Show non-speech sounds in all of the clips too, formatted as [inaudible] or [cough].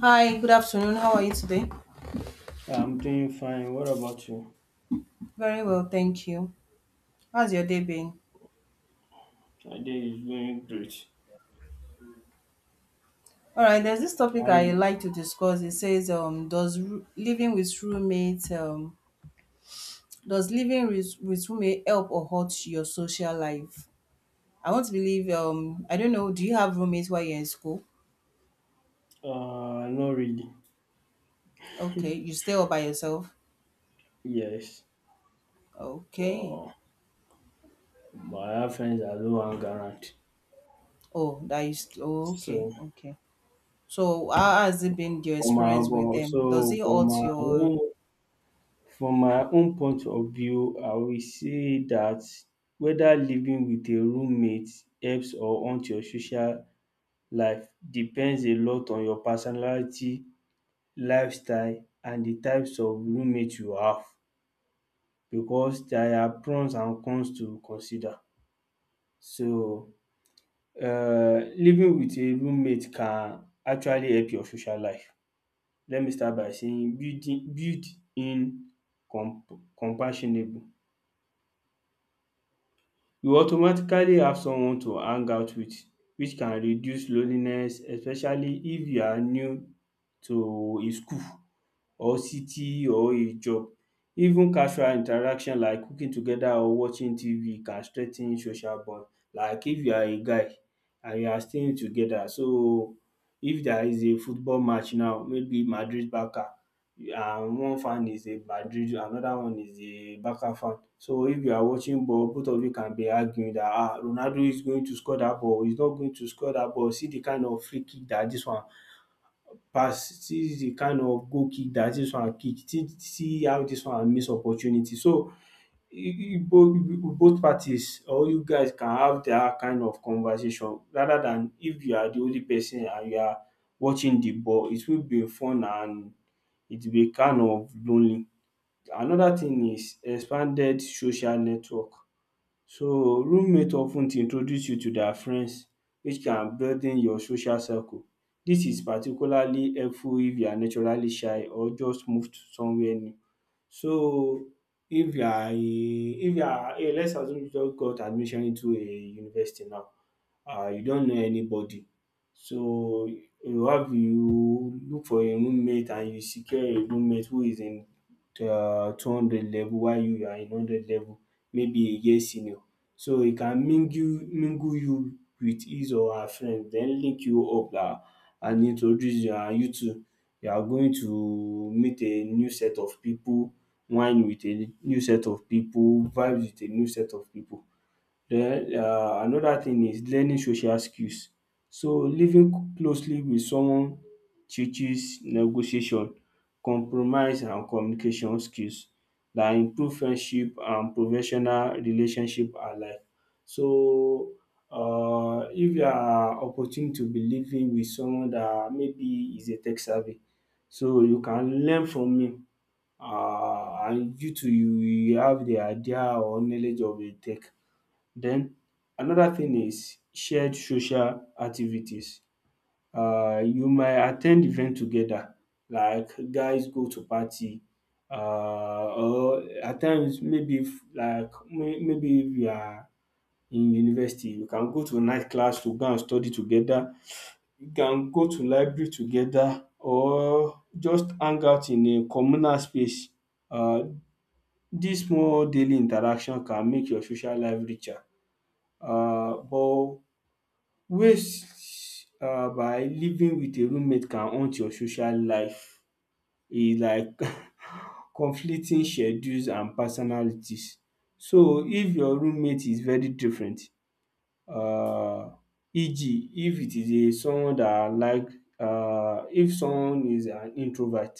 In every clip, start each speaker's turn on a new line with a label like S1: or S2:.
S1: Hi, good afternoon. How are you today?
S2: Yeah, I'm doing fine. What about you?
S1: Very well, thank you. How's your day been?
S2: My day is going great.
S1: All right, there's this topic
S2: Are
S1: I
S2: you?
S1: like to discuss. It says, does living with roommate, does living with roommate help or hurt your social life? I want to believe, I don't know, do you have roommates while you're in school?
S2: Not really.
S1: Okay, you stay all by yourself?
S2: Yes.
S1: Okay.
S2: Uh, I have friends that do hang around.
S1: Oh, that is, oh, okay,
S2: So
S1: okay. So how has it been your
S2: for my
S1: experience with
S2: but
S1: them?
S2: so
S1: Does it
S2: for
S1: hurt
S2: my
S1: your,
S2: own from my own point of view, I will say that whether living with a roommate helps or hurts your social life depends a lot on your personality, lifestyle, and the types of roommate you have, because there are pros and cons to consider. So living with a roommate can actually help your social life. Let me start by saying building build in comp- compassionable you automatically have someone to hang out with, which can reduce loneliness, especially if you are new to a school or city or a job. Even casual interaction like cooking together or watching TV can strengthen social bond. Like if you are a guy and you are staying together, so if there is a football match now, maybe Madrid Barca, and one fan is a Madrid, another one is a Barca fan. So if you are watching ball, both of you can be arguing that ah Ronaldo is going to score that ball, he's not going to score that ball, see the kind of free kick that this one pass, see the kind of goal kick that this one kick, see how this one miss opportunity. So both parties or you guys can have that kind of conversation, rather than if you are the only person and you are watching the ball, it will be fun and it will be kind of lonely. Another thing is expanded social network. So roommate of ten introduce you to their friends, which can broaden your social circle. Dis is particularly helpful if you are naturally shy or just moved somewhere new. So if you are a let's assume you just got admission into a university now, you don know anybody. So you look for a roommate and you secure a roommate who is in 200 level while you are in 100 level, maybe a year senior. So e can mingle you with his or her friend, den link you up, and introduce you, and you too you are going to meet a new set of pipu, wine with a new set of pipu, vibe with a new set of pipu. Den another thing is learning social skills. So living closely with someone teaches negotiation, compromise and communication skills that improve friendship and professional relationship alike. So if you are opportune to be living with someone dat maybe is a tech savvy, so you can learn from him, and you too you will have the idea or knowledge of a tech. Then another thing is shared social activities. You might attend event together, like guys go to party, or at times maybe if you are in university you can go to a night class to go and study together, you can go to library together or just hang out in a communal space. Uh, this small daily interaction can make your social life richer. But ways by living with a roommate can haunt your social life is like [laughs] conflicting schedules and personalities. So if your roommate is very different, um eg if it is a someone dat like, if someone is an introvert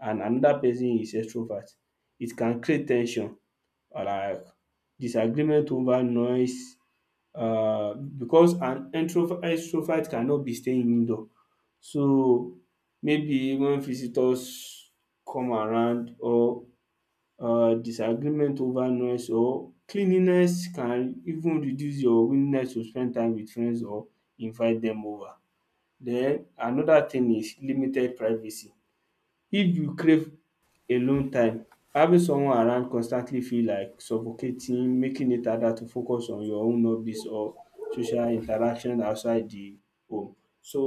S2: and another person is extrovert, it can create ten sion, or like disagreement over noise, because an introvert extrovert cannot be staying indoor, so maybe when visitors come around or disagreement over noise or cleanliness can even reduce your willingness to spend time with friends or invite dem over. Den another thing is limited privacy. If you crave alone time, having someone around constantly feel like suffocating, making it harder to focus on your own hobbies or social interaction outside the home. So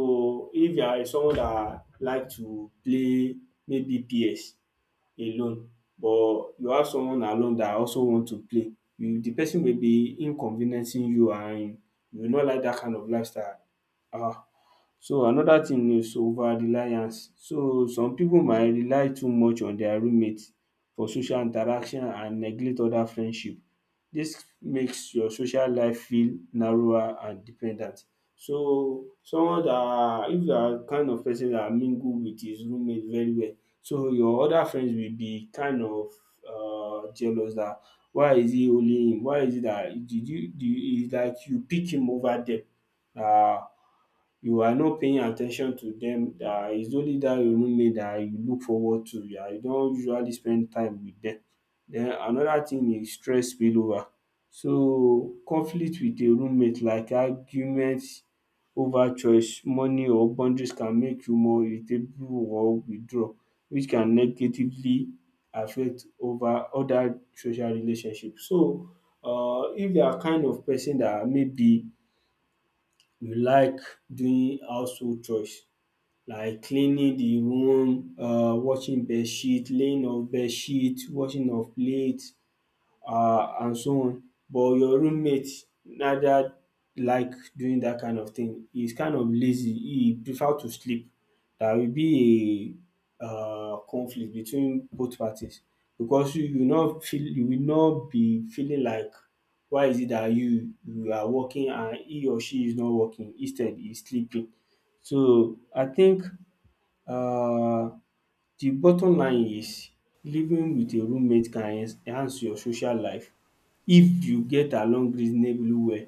S2: if you are someone that like to play maybe PS alone, but you have someone along that also want to play, you the person may be inconveniencing you, and you no like dat kind of lifestyle. um So another thing is over reliance, so some pipu might rely too much on their roommate for social interaction and neglect other friendship. Dis makes your social life feel narrower and dependent. So someone dat, if you are kind of person dat mingle with his roommate very well, so your other friends will be kind of jealous dat why is it only him, why is it dat did you, is like you pick him over dem, um you are not paying at ten tion to dem, it's only dat roommate dat you look forward to, you don usually spend time wit dem. Den another thing is stress spillover. So conflict wit a roommate like argument over choice, money or boundaries can make you more irritable or withdraw, which can negatively affect over other social relationship. So if you are kind of person dat maybe you like doing household chores, like cleaning the room, washing bedsheet, laying of bedsheet, washing of plate, and so on. But your roommate neither like doing that kind of thing. He's kind of lazy. He prefer to sleep. There will be a conflict between both parties, because you will not be feeling like why is it that you are working and he or she is not working, instead he's sleeping. So I think, uh, the bottom line is living with a roommate can enhance your social life if you get along reasonably well,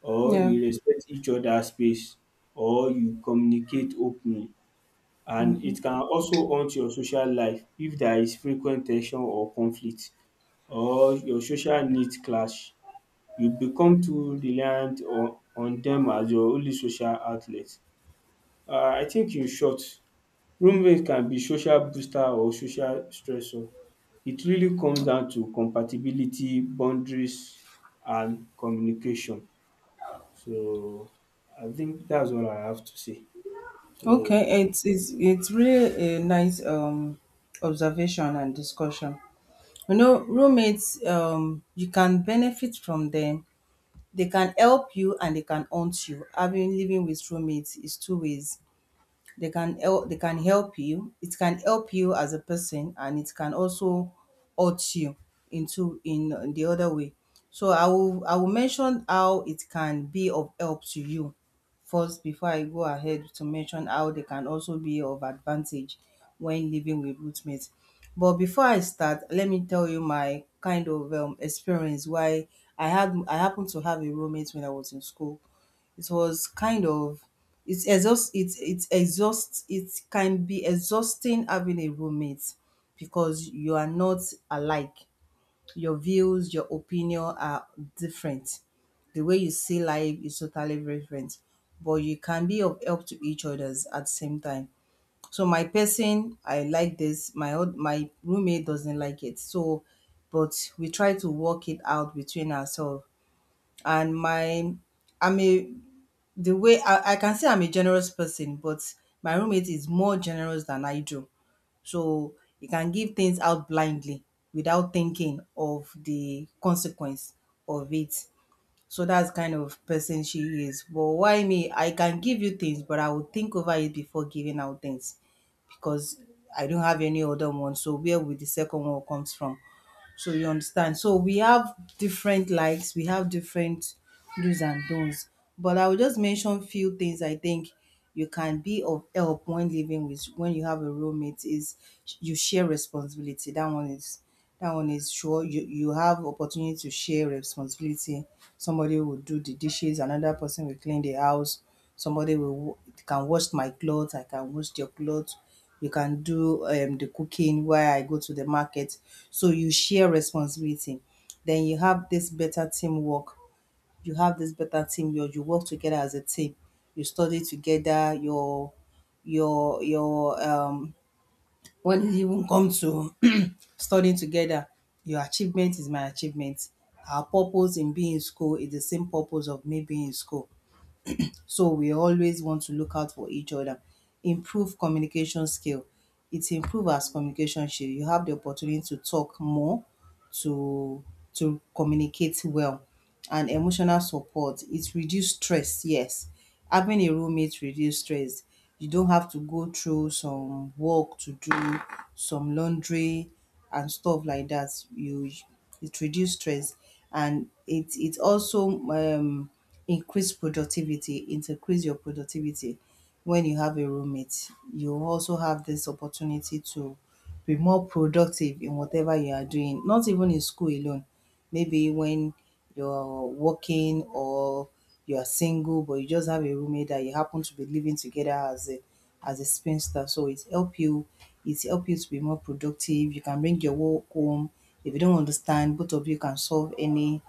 S2: or
S1: yeah.
S2: you respect each other space, or you communicate openly, and it can also haunt your social life if there is frequent ten sion or conflict, or your social needs clash, you become too reliant on dem as your only social outlet. I think in short, roommate can be social booster or social stressor. It really comes down to compatibility, boundaries and communication. So I think that's all I have to say. So
S1: Okay, it's really a nice observation and discussion. You know, roommates, you can benefit from them. They can help you and they can haunt you. Having living with roommates is two ways, they can help you, it can help you as a person, and it can also hurt you into in the other way. So I will mention how it can be of help to you first before I go ahead to mention how they can also be of advantage when living with roommates. But before I start, let me tell you my kind of experience. Why I happened to have a roommate when I was in school. It was kind of, it's exhaust it can be exhausting having a roommate because you are not alike. Your views, your opinion are different. The way you see life is totally different, but you can be of help to each others at the same time. So my person, I like this. My roommate doesn't like it. So, but we try to work it out between ourselves. And my I'm a the way I can say I'm a generous person, but my roommate is more generous than I do. So he can give things out blindly without thinking of the consequence of it. So that's kind of person she is. But why me? I can give you things, but I will think over it before giving out things because I don't have any other one. So where will the second one comes from? So you understand. So we have different likes, we have different do's and don'ts. But I will just mention few things. I think you can be of help when living with when you have a roommate is you share responsibility. That one is sure, you have opportunity to share responsibility. Somebody will do the dishes, another person will clean the house, somebody will can wash my clothes, I can wash your clothes, you can do the cooking while I go to the market. So you share responsibility. Then you have this better teamwork. You have this better team. You work together as a team. You study together. Your When it even come to [clears throat] studying together, your achievement is my achievement. Our purpose in being in school is the same purpose of me being in school. So we always want to look out for each other. Improve communication skill. You have the opportunity to talk more, to to communicate well. And emotional support. It reduce stress, yes. Having a roommate reduce stress. You don't have to go through some work to do, some laundry and stuff like that. You It reduce stress, and it also increase productivity, it increase your productivity when you have a roommate. You also have this opportunity to be more productive in whatever you are doing, not even in school alone. Maybe when you're working, or you are single but you just have a roommate that you happen to be living together as a spinster. So it help you to be more productive. You can bring your work home. If you don't understand, both of you can solve any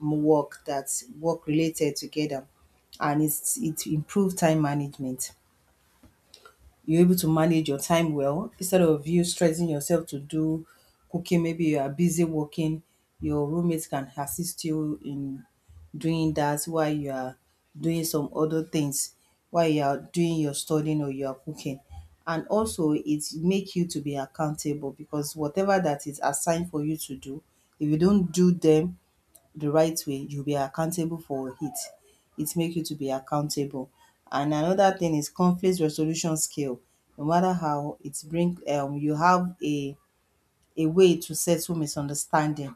S1: work that's work related together, and it improve time management. You're able to manage your time well instead of you stressing yourself to do cooking. Maybe you are busy working, your roommate can assist you in doing that while you are doing some other things, while you are doing your studying or you are cooking. And also it make you to be accountable because whatever that is assigned for you to do, if you don't do them the right way, you'll be accountable for it. It make you to be accountable. And another thing is conflict resolution skill. No matter how it bring, you have a way to settle misunderstanding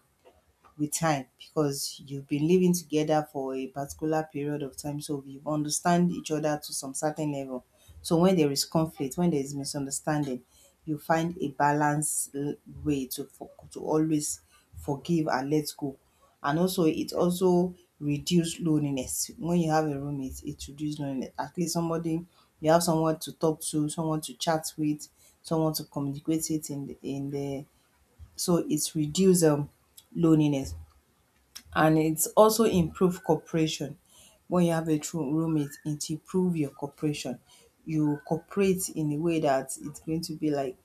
S1: with time because you've been living together for a particular period of time, so you understand each other to some certain level. So when there is conflict, when there is misunderstanding, you find a balanced way to always forgive and let go. And also, it also reduce loneliness. When you have a roommate, it reduces loneliness. At least somebody, you have someone to talk to, someone to chat with, someone to communicate it in the, so it's reduce loneliness. And it's also improve cooperation. When you have a true roommate, it improve your cooperation. You cooperate in a way that it's going to be like,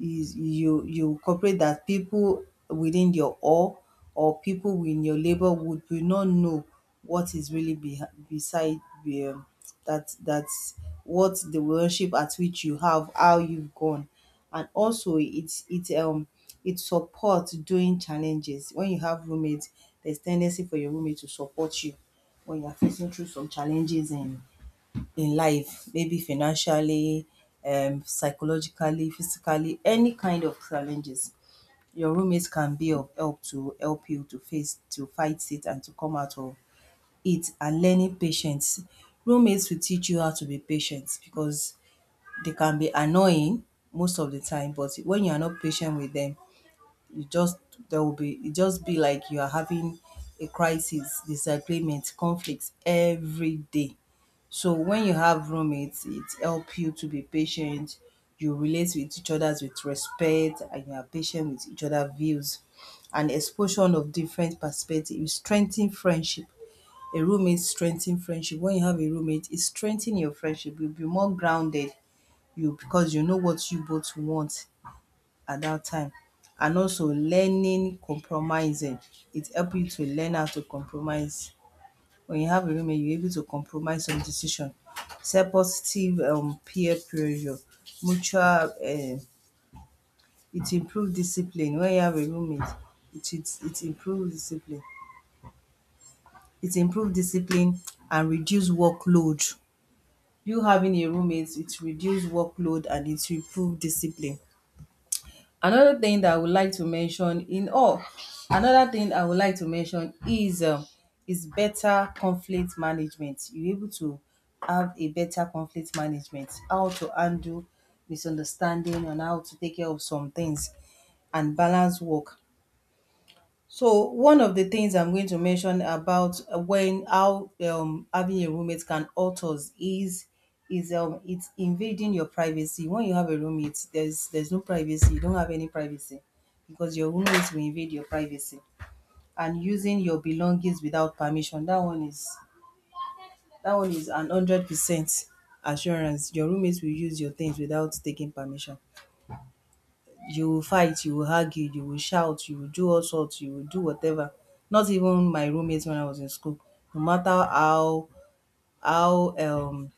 S1: is you cooperate that people within your, or people within your labor would, will not know what is really be beside the, that that's what the worship at which you have, how you've gone. And also it supports during challenges. When you have roommates, there's tendency for your roommate to support you when you're facing through some challenges in life, maybe financially, psychologically, physically, any kind of challenges. Your roommates can be of help to help you to fight it and to come out of it. And learning patience. Roommates will teach you how to be patient because they can be annoying most of the time, but when you are not patient with them, you just there will be, it just be like, you are having a crisis, disagreement, conflicts every day. So when you have roommates, it help you to be patient. You relate with each other with respect and you are patient with each other views. And exposure of different perspective, you strengthen friendship. A roommate strengthen friendship. When you have a roommate, it strengthen your friendship. You'll be more grounded. You, because you know what you both want at that time. And also learning compromising. It help you to learn how to compromise. When you have a roommate, you're able to compromise some decision. Set positive, peer pressure, mutual, it improves discipline. When you have a roommate, it improves discipline. It improves discipline and reduce workload. You having a roommate, it reduce workload and it improve discipline. Another thing that I would like to mention in all, another thing I would like to mention is better conflict management. You're able to have a better conflict management, how to handle misunderstanding and how to take care of some things, and balance work. So one of the things I'm going to mention about when how having a roommate can hurt us is, it's invading your privacy. When you have a roommate, there's no privacy. You don't have any privacy because your roommate will invade your privacy and using your belongings without permission. That one is an 100% assurance. Your roommate will use your things without taking permission. You will fight, you will argue, you will shout, you will do all sorts, you will do whatever. Not even my roommates when I was in school, no matter how how um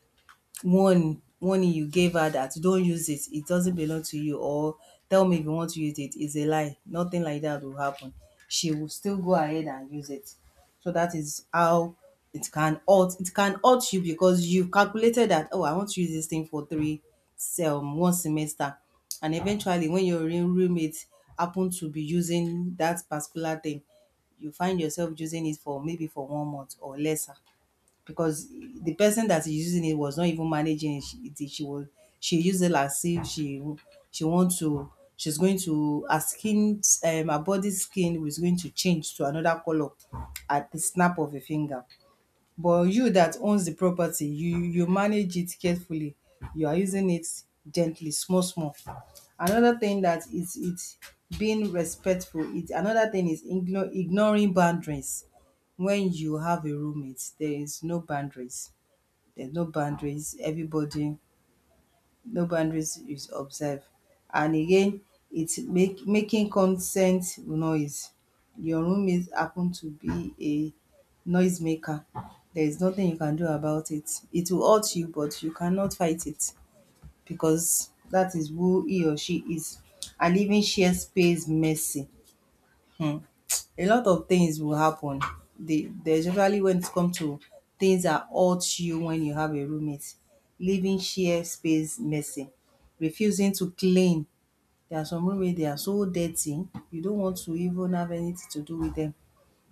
S1: warning you gave her that don't use it, it doesn't belong to you, or tell me if you want to use it, is a lie. Nothing like that will happen. She will still go ahead and use it. So that is how it can hurt you because you've calculated that, oh, I want to use this thing for three one semester, and eventually when your real roommate happen to be using that particular thing, you find yourself using it for maybe for one month or lesser because the person that is using it was not even managing it. She was she used it as if she wants to, she's going to her skin her body skin was going to change to another color at the snap of a finger. But you that owns the property, you manage it carefully. You are using it gently, small small. Another thing that is it's being respectful. It Another thing is ignoring boundaries. When you have a roommate, there is no boundaries. There's no boundaries, everybody, no boundaries is observed. And again, it's make making consent noise. Your roommate happen to be a noisemaker. There is nothing you can do about it. It will hurt you, but you cannot fight it because that is who he or she is. And even share space messy. Hmm a lot of things will happen. They, especially when it comes to things that hurt you when you have a roommate, leaving share space messy, refusing to clean. There are some roommates they are so dirty, you don't want to even have anything to do with them.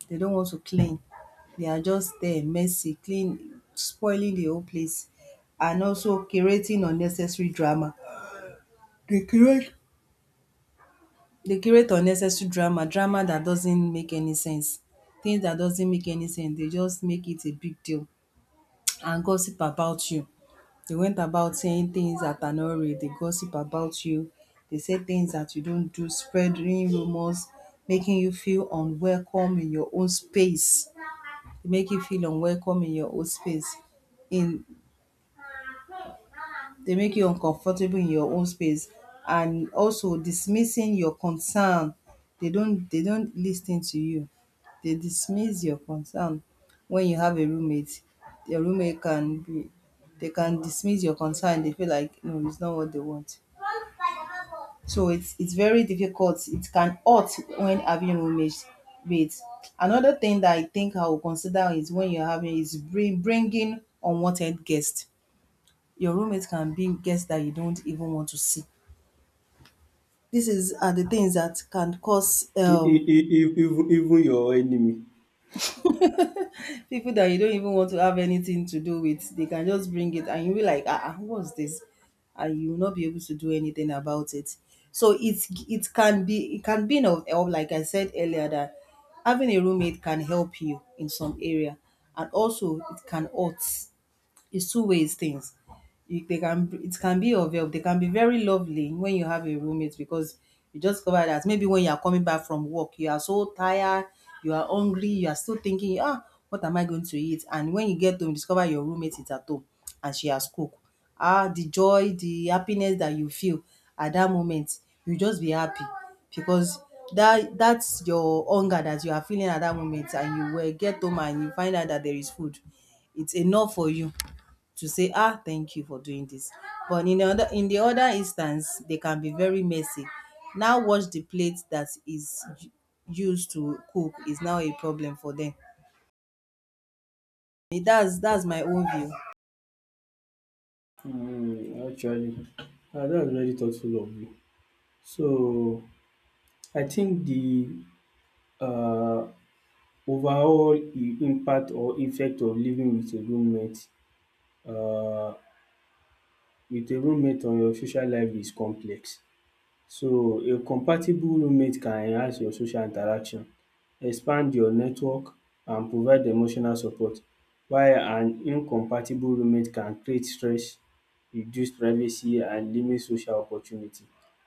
S1: They don't want to clean. They are just there messy, clean, spoiling the whole place, and also creating unnecessary drama. Dey create unnecessary drama, drama that doesn't make any sense. Things that doesn't make any sense, they just make it a big deal [tsk] and gossip about you. They went about saying things that are not real. They gossip about you. They say things that you don't do, spreading rumors, making you feel unwelcome in your own space. They make you feel unwelcome in your own space. In They make you uncomfortable in your own space and also dismissing your concern. They don't listen to you. They dismiss your concern. When you have a roommate, your roommate can be they can dismiss your concern. They feel like no, it's not what they want. So it's very difficult. It can hurt when having roommates. Wait, another thing that I think I will consider is when you're having is bringing unwanted guests. Your roommate can be guests that you don't even want to see. This is are the things that can cause
S2: e e e e- even even your enemy.
S1: [laughs] people that you don't even want to have anything to do with. They can just bring it, and you'll be like, ah, ah, what's this? And you will not be able to do anything about it. So it can be of help, like I said earlier, that having a roommate can help you in some area, and also it can hurt. It's two ways things. You, they can it can be of help. They can be very lovely when you have a roommate because you just cover that maybe when you are coming back from work, you are so tired, you are hungry, you are still thinking, ah, what am I going to eat? And when you get home, you discover your roommate is at home and she has cooked. Ah, the joy, the happiness that you feel at that moment, you just be happy because that's your hunger that you are feeling at that moment and you will get home and you find out that there is food. It's enough for you to say, ah, thank you for doing this. But in the other instance, they can be very messy. Now wash the plate that is used to cook is now a problem for them. Eh, that's my own view.
S2: Hmm. Actually, ah, that's very thoughtful of you. So I think the um impact or effect of living with a roommate um with a roommate on your social life is complex. So a compatible roommate can enhance your social interaction, expand your network and provide emotional support, while an incompatible roommate can create stress, reduce privacy and limit social opportunity.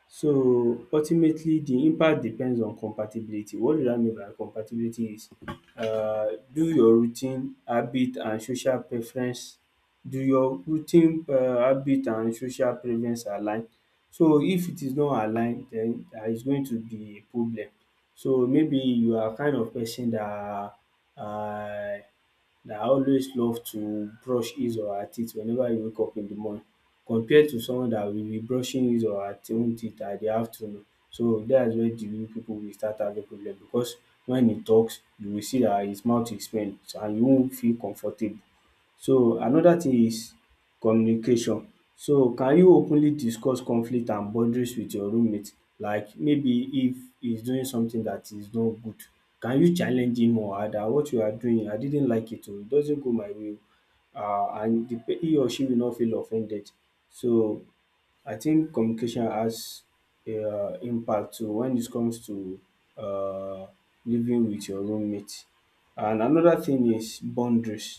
S2: So ultimately the impact depends on compatibility. What do I mean by compatibility is, uh, do your routine, habit and social preference, do your routine habit and social preference align? So if it is not aligned, then it's going to be a problem. So maybe you are kind of person that, uh, that always love to brush his or her teeth whenever you wake up in the morning, compared to someone that will be brushing his or her own teeth at the afternoon. So that's where the real people will start having problem, because when he talks you will see that his mouth is pain and you won't feel comfortable. So another thing is communication. So can you openly discuss conflict and boundaries with your roommate? Like, maybe if he's doing something that is not good, can you challenge him or her that what you are doing, I didn't like it or it doesn't go my way oh. And the pe he or she will not feel offended. So I think communication has impact too when it comes to um living with your roommate. And another thing is boundaries.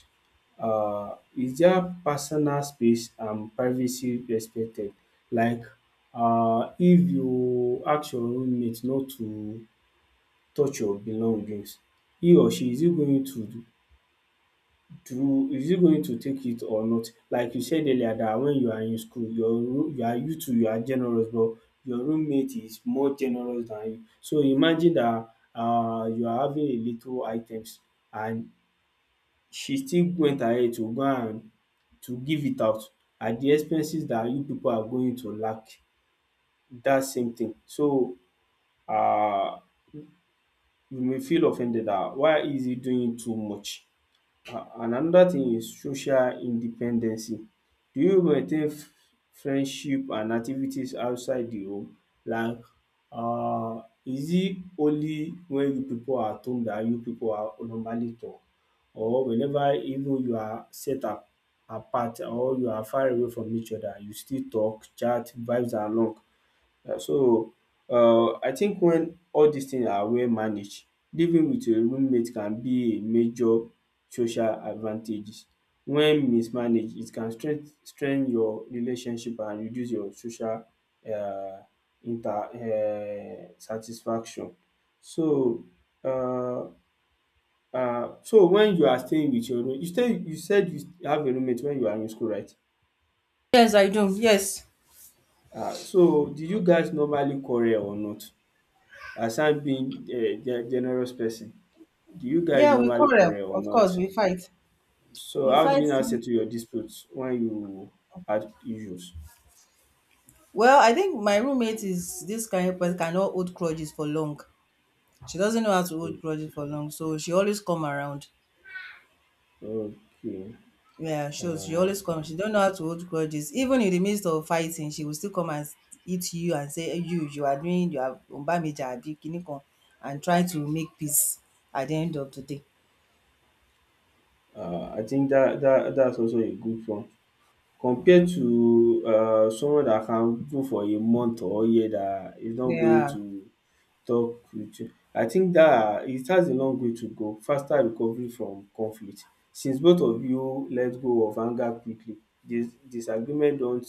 S2: Is there personal space and privacy respected? Like, if you ask your roommate not to touch your belongings, he going to, is it going to take it or not? Like you said earlier that when you are in school your room, you are you too you are generous, but your roommate is more generous than you. So imagine that, you are having a little items, and she still went ahead to go and to give it out at the expenses that you people are going to lack that same thing. So, uh, you may feel offended that why is he doing too much? And another thing is social independency. Do you maintain friendship and activities outside the home? Like is it only when you people are at home that you people are normally talk, or whenever even you are set a apart or you are far away from each other you still talk, chat, vibes along. So I think when all dis things are well managed, living with a roommate can be a major social advantages. When mismanaged, it can strength strain your relationship and reduce your social um inter satisfaction. So um when you are staying with your roommate you stay, you said you have a roommate when you are in school, right?
S1: Yes, I do. Yes.
S2: So did you guys normally quarrel or not? Aside being a ge generous person, do you guys
S1: Yeah, we
S2: normally
S1: quarrel.
S2: quarrel or
S1: Of
S2: not?
S1: course, we fight.
S2: So
S1: We
S2: how do
S1: fight.
S2: you now settle your disputes when you had issues?
S1: Well, I think my roommate is this kind of person cannot hold grudges for long. She doesn't know how to hold grudges for long, so she always come around.
S2: Mm. Okay.
S1: Yeah, she
S2: Uh,
S1: always come. She don't know how to hold grudges. Even in the midst of fighting, she will still come and eat you and say, "Eh, you are doing, you are umbameja abi kini kan," and try to make peace at the end of the day.
S2: I think that, that's also a good one. Compared to, someone that can go for a month or a year that is not going
S1: Yeah,
S2: to talk with you. I think that it has a long way to go. Faster recovery from conflict. Since both of you let go of anger quickly, disagreement don't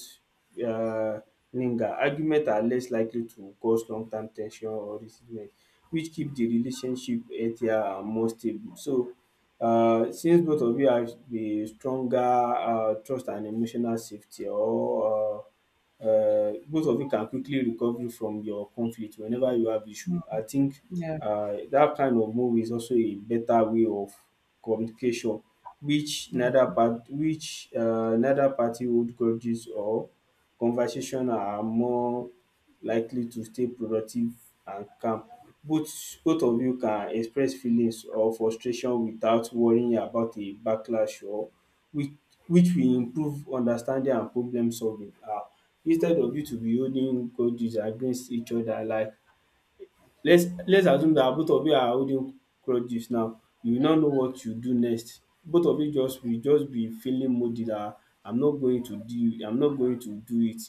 S2: um linger. Argument are less likely to cause long term ten sion or resentment, which keep the relationship healthier and more stable. So since both of you have a stronger trust and emotional safety, or both of you can quickly recover from your conflict whenever you have issue. I think
S1: yeah,
S2: that kind of move is also a better way of communication, which neither part, which neither party hold grudges, or conversation are more likely to stay productive and calm. Both of you can express feelings or frustration without worrying about a backlash, or which which will improve understanding and problem solving. Instead of you to be holding grudges against each other, like let's assume that both of you are holding grudges now, you will not know what you do next, both of you just will just be feeling moody that I'm not going to do it.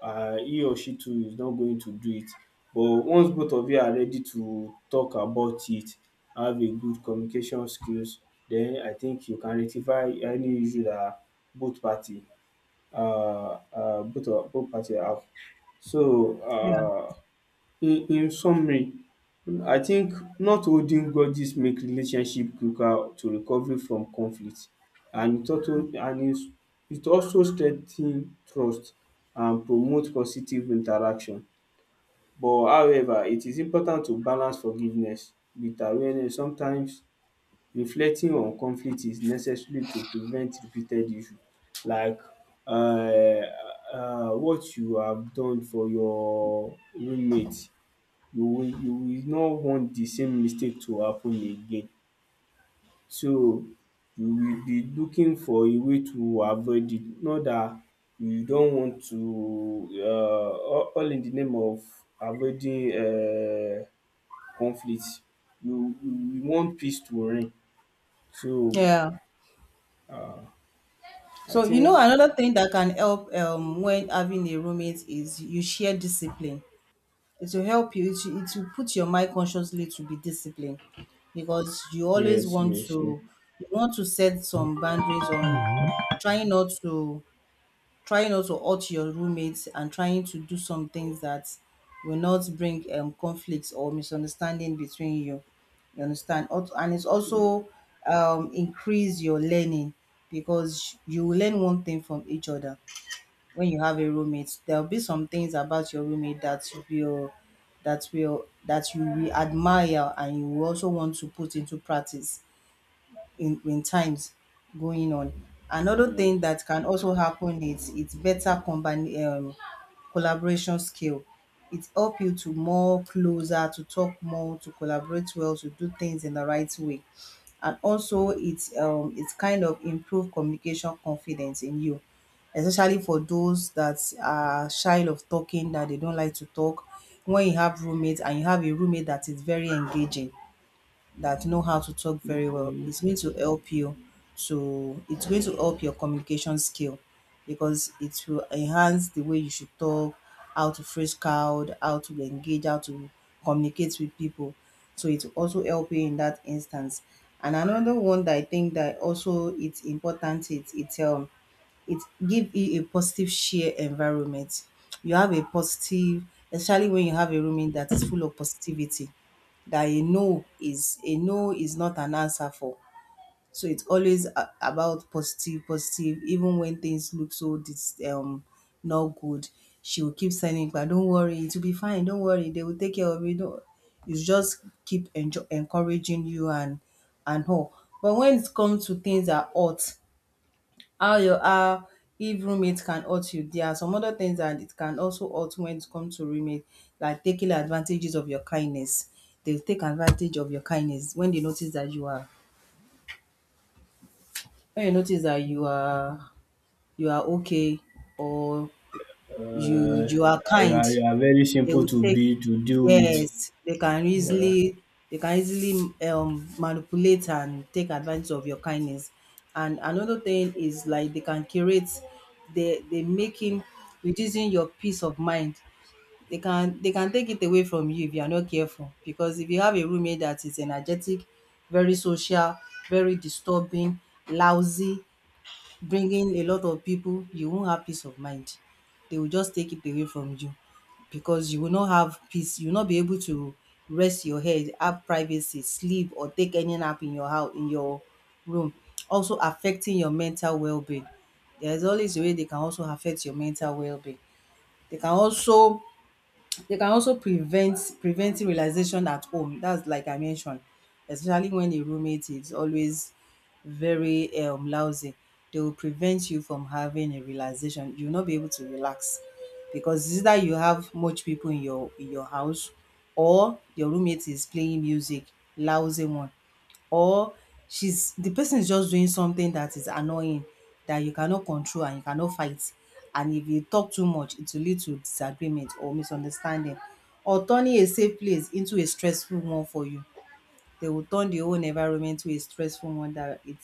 S2: He or she too is not going to do it, but once both of you are ready to talk about it, have a good communication skills, then I think you can rectify any issue that both party, both of both party have. So
S1: yeah,
S2: um in summary, I think not holding grudges make relationship quicker to recovery from conflict, and it also, it also strengthen trust and promote positive interaction, but however it is important to balance forgiveness with awareness sometimes. Reflecting on conflict is necessary to prevent repeated issue, like um what you have done for your roommate, you will not want the same mistake to happen again. So you will be looking for a way to avoid it, not that you don't want to, all in the name of avoiding conflict. You want peace to reign. So
S1: yeah.
S2: um I
S1: So you know
S2: think,
S1: another thing that can help when having a roommate is you share discipline. It will help you. It will put your mind consciously to be disciplined because you always
S2: yes,
S1: want
S2: yes, yes.
S1: to set some boundaries on trying not to trying not to hurt your roommates and trying to do some things that will not bring conflicts or misunderstanding between you. You understand? And it's also increase your learning because you will learn one thing from each other. When you have a roommate there'll be some things about your roommate that will that you will admire and you will also want to put into practice in times going on. Another
S2: Yeah.
S1: thing that can also happen is it's better combine collaboration skill. It help you to more closer, to talk more, to collaborate well, to do things in the right way. And also it's kind of improve communication confidence in you. Especially for those that are shy of talking, that they don't like to talk. When you have roommates and you have a roommate that is very engaging, that know how to talk very well, it's going to help you to it's going to help your communication skill because it will enhance the way you should talk, how to phrase crowd, how to engage, how to communicate with people. So it will also help you in that instance. And another one that I think that also it's important, it give you a positive share environment. You have a positive, especially when you have a roommate that is full of positivity, that a no is not an answer for. So it's always about positive, positive. Even when things look so not good, she will keep sending. But don't worry, it will be fine. Don't worry, they will take care of it. Don't. You just keep encouraging you and her. But when it comes to things that hurt, how your how if roommate can hurt you, there are some other things that it can also hurt when it comes to roommate, like taking advantages of your kindness. They take advantage of your kindness when they notice that you are when you notice that you are okay or you
S2: Uh,
S1: you are
S2: you
S1: kind.
S2: are, you are very
S1: They
S2: simple
S1: will
S2: to
S1: take,
S2: be to deal with.
S1: yes, they can easily manipulate and take advantage of your kindness. And another thing is like they can curate they making reducing your peace of mind. They can take it away from you if you are not careful. Because if you have a roommate that is energetic, very social, very disturbing, lousy, bring in a lot of people, you won't have peace of mind. They will just take it away from you because you will not have peace. You will not be able to rest your head, have privacy, sleep, or take any nap in your house, in your room. Also affecting your mental well-being. There's always a way they can also affect your mental well-being. They can also prevent realization at home. That's like I mentioned, especially when a roommate is always very lousy. They will prevent you from having a realization. You will not be able to relax because it's either you have much people in your house or your roommate is playing music, lousy one, or she's the person is just doing something that is annoying that you cannot control and you cannot fight. And if you talk too much, it will lead to disagreement or misunderstanding or turning a safe place into a stressful one for you. They will turn the whole environment to a stressful one that it,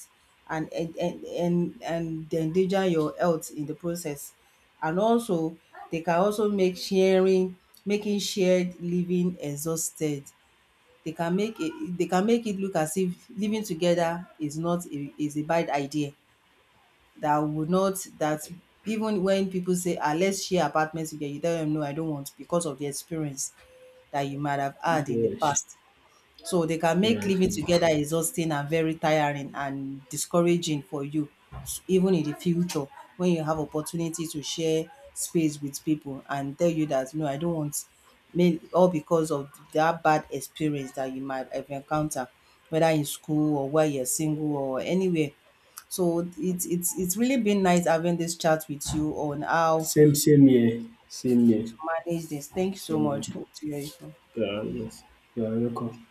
S1: and they endanger your health in the process. And also they can also make sharing making shared living exhausted. they can make it they can make it look as if living together is not a is a bad idea, that would not that even when people say ah let's share apartments together you tell them no I don't want because of the experience that you might have had in the
S2: Yes,
S1: past. So they can make
S2: yes,
S1: living
S2: yes.
S1: together exhausting and very tiring and discouraging for you, even in the future when you have opportunity to share space with people and tell you that no, I don't want, may all because of that bad experience that you might have encountered, whether in school or while you're single or anywhere. So it's really been nice having this chat with you on how
S2: Same, same here, same here.
S1: to manage this. Thank you so
S2: So,
S1: much. Hope to hear you.
S2: yeah, yes. You are welcome.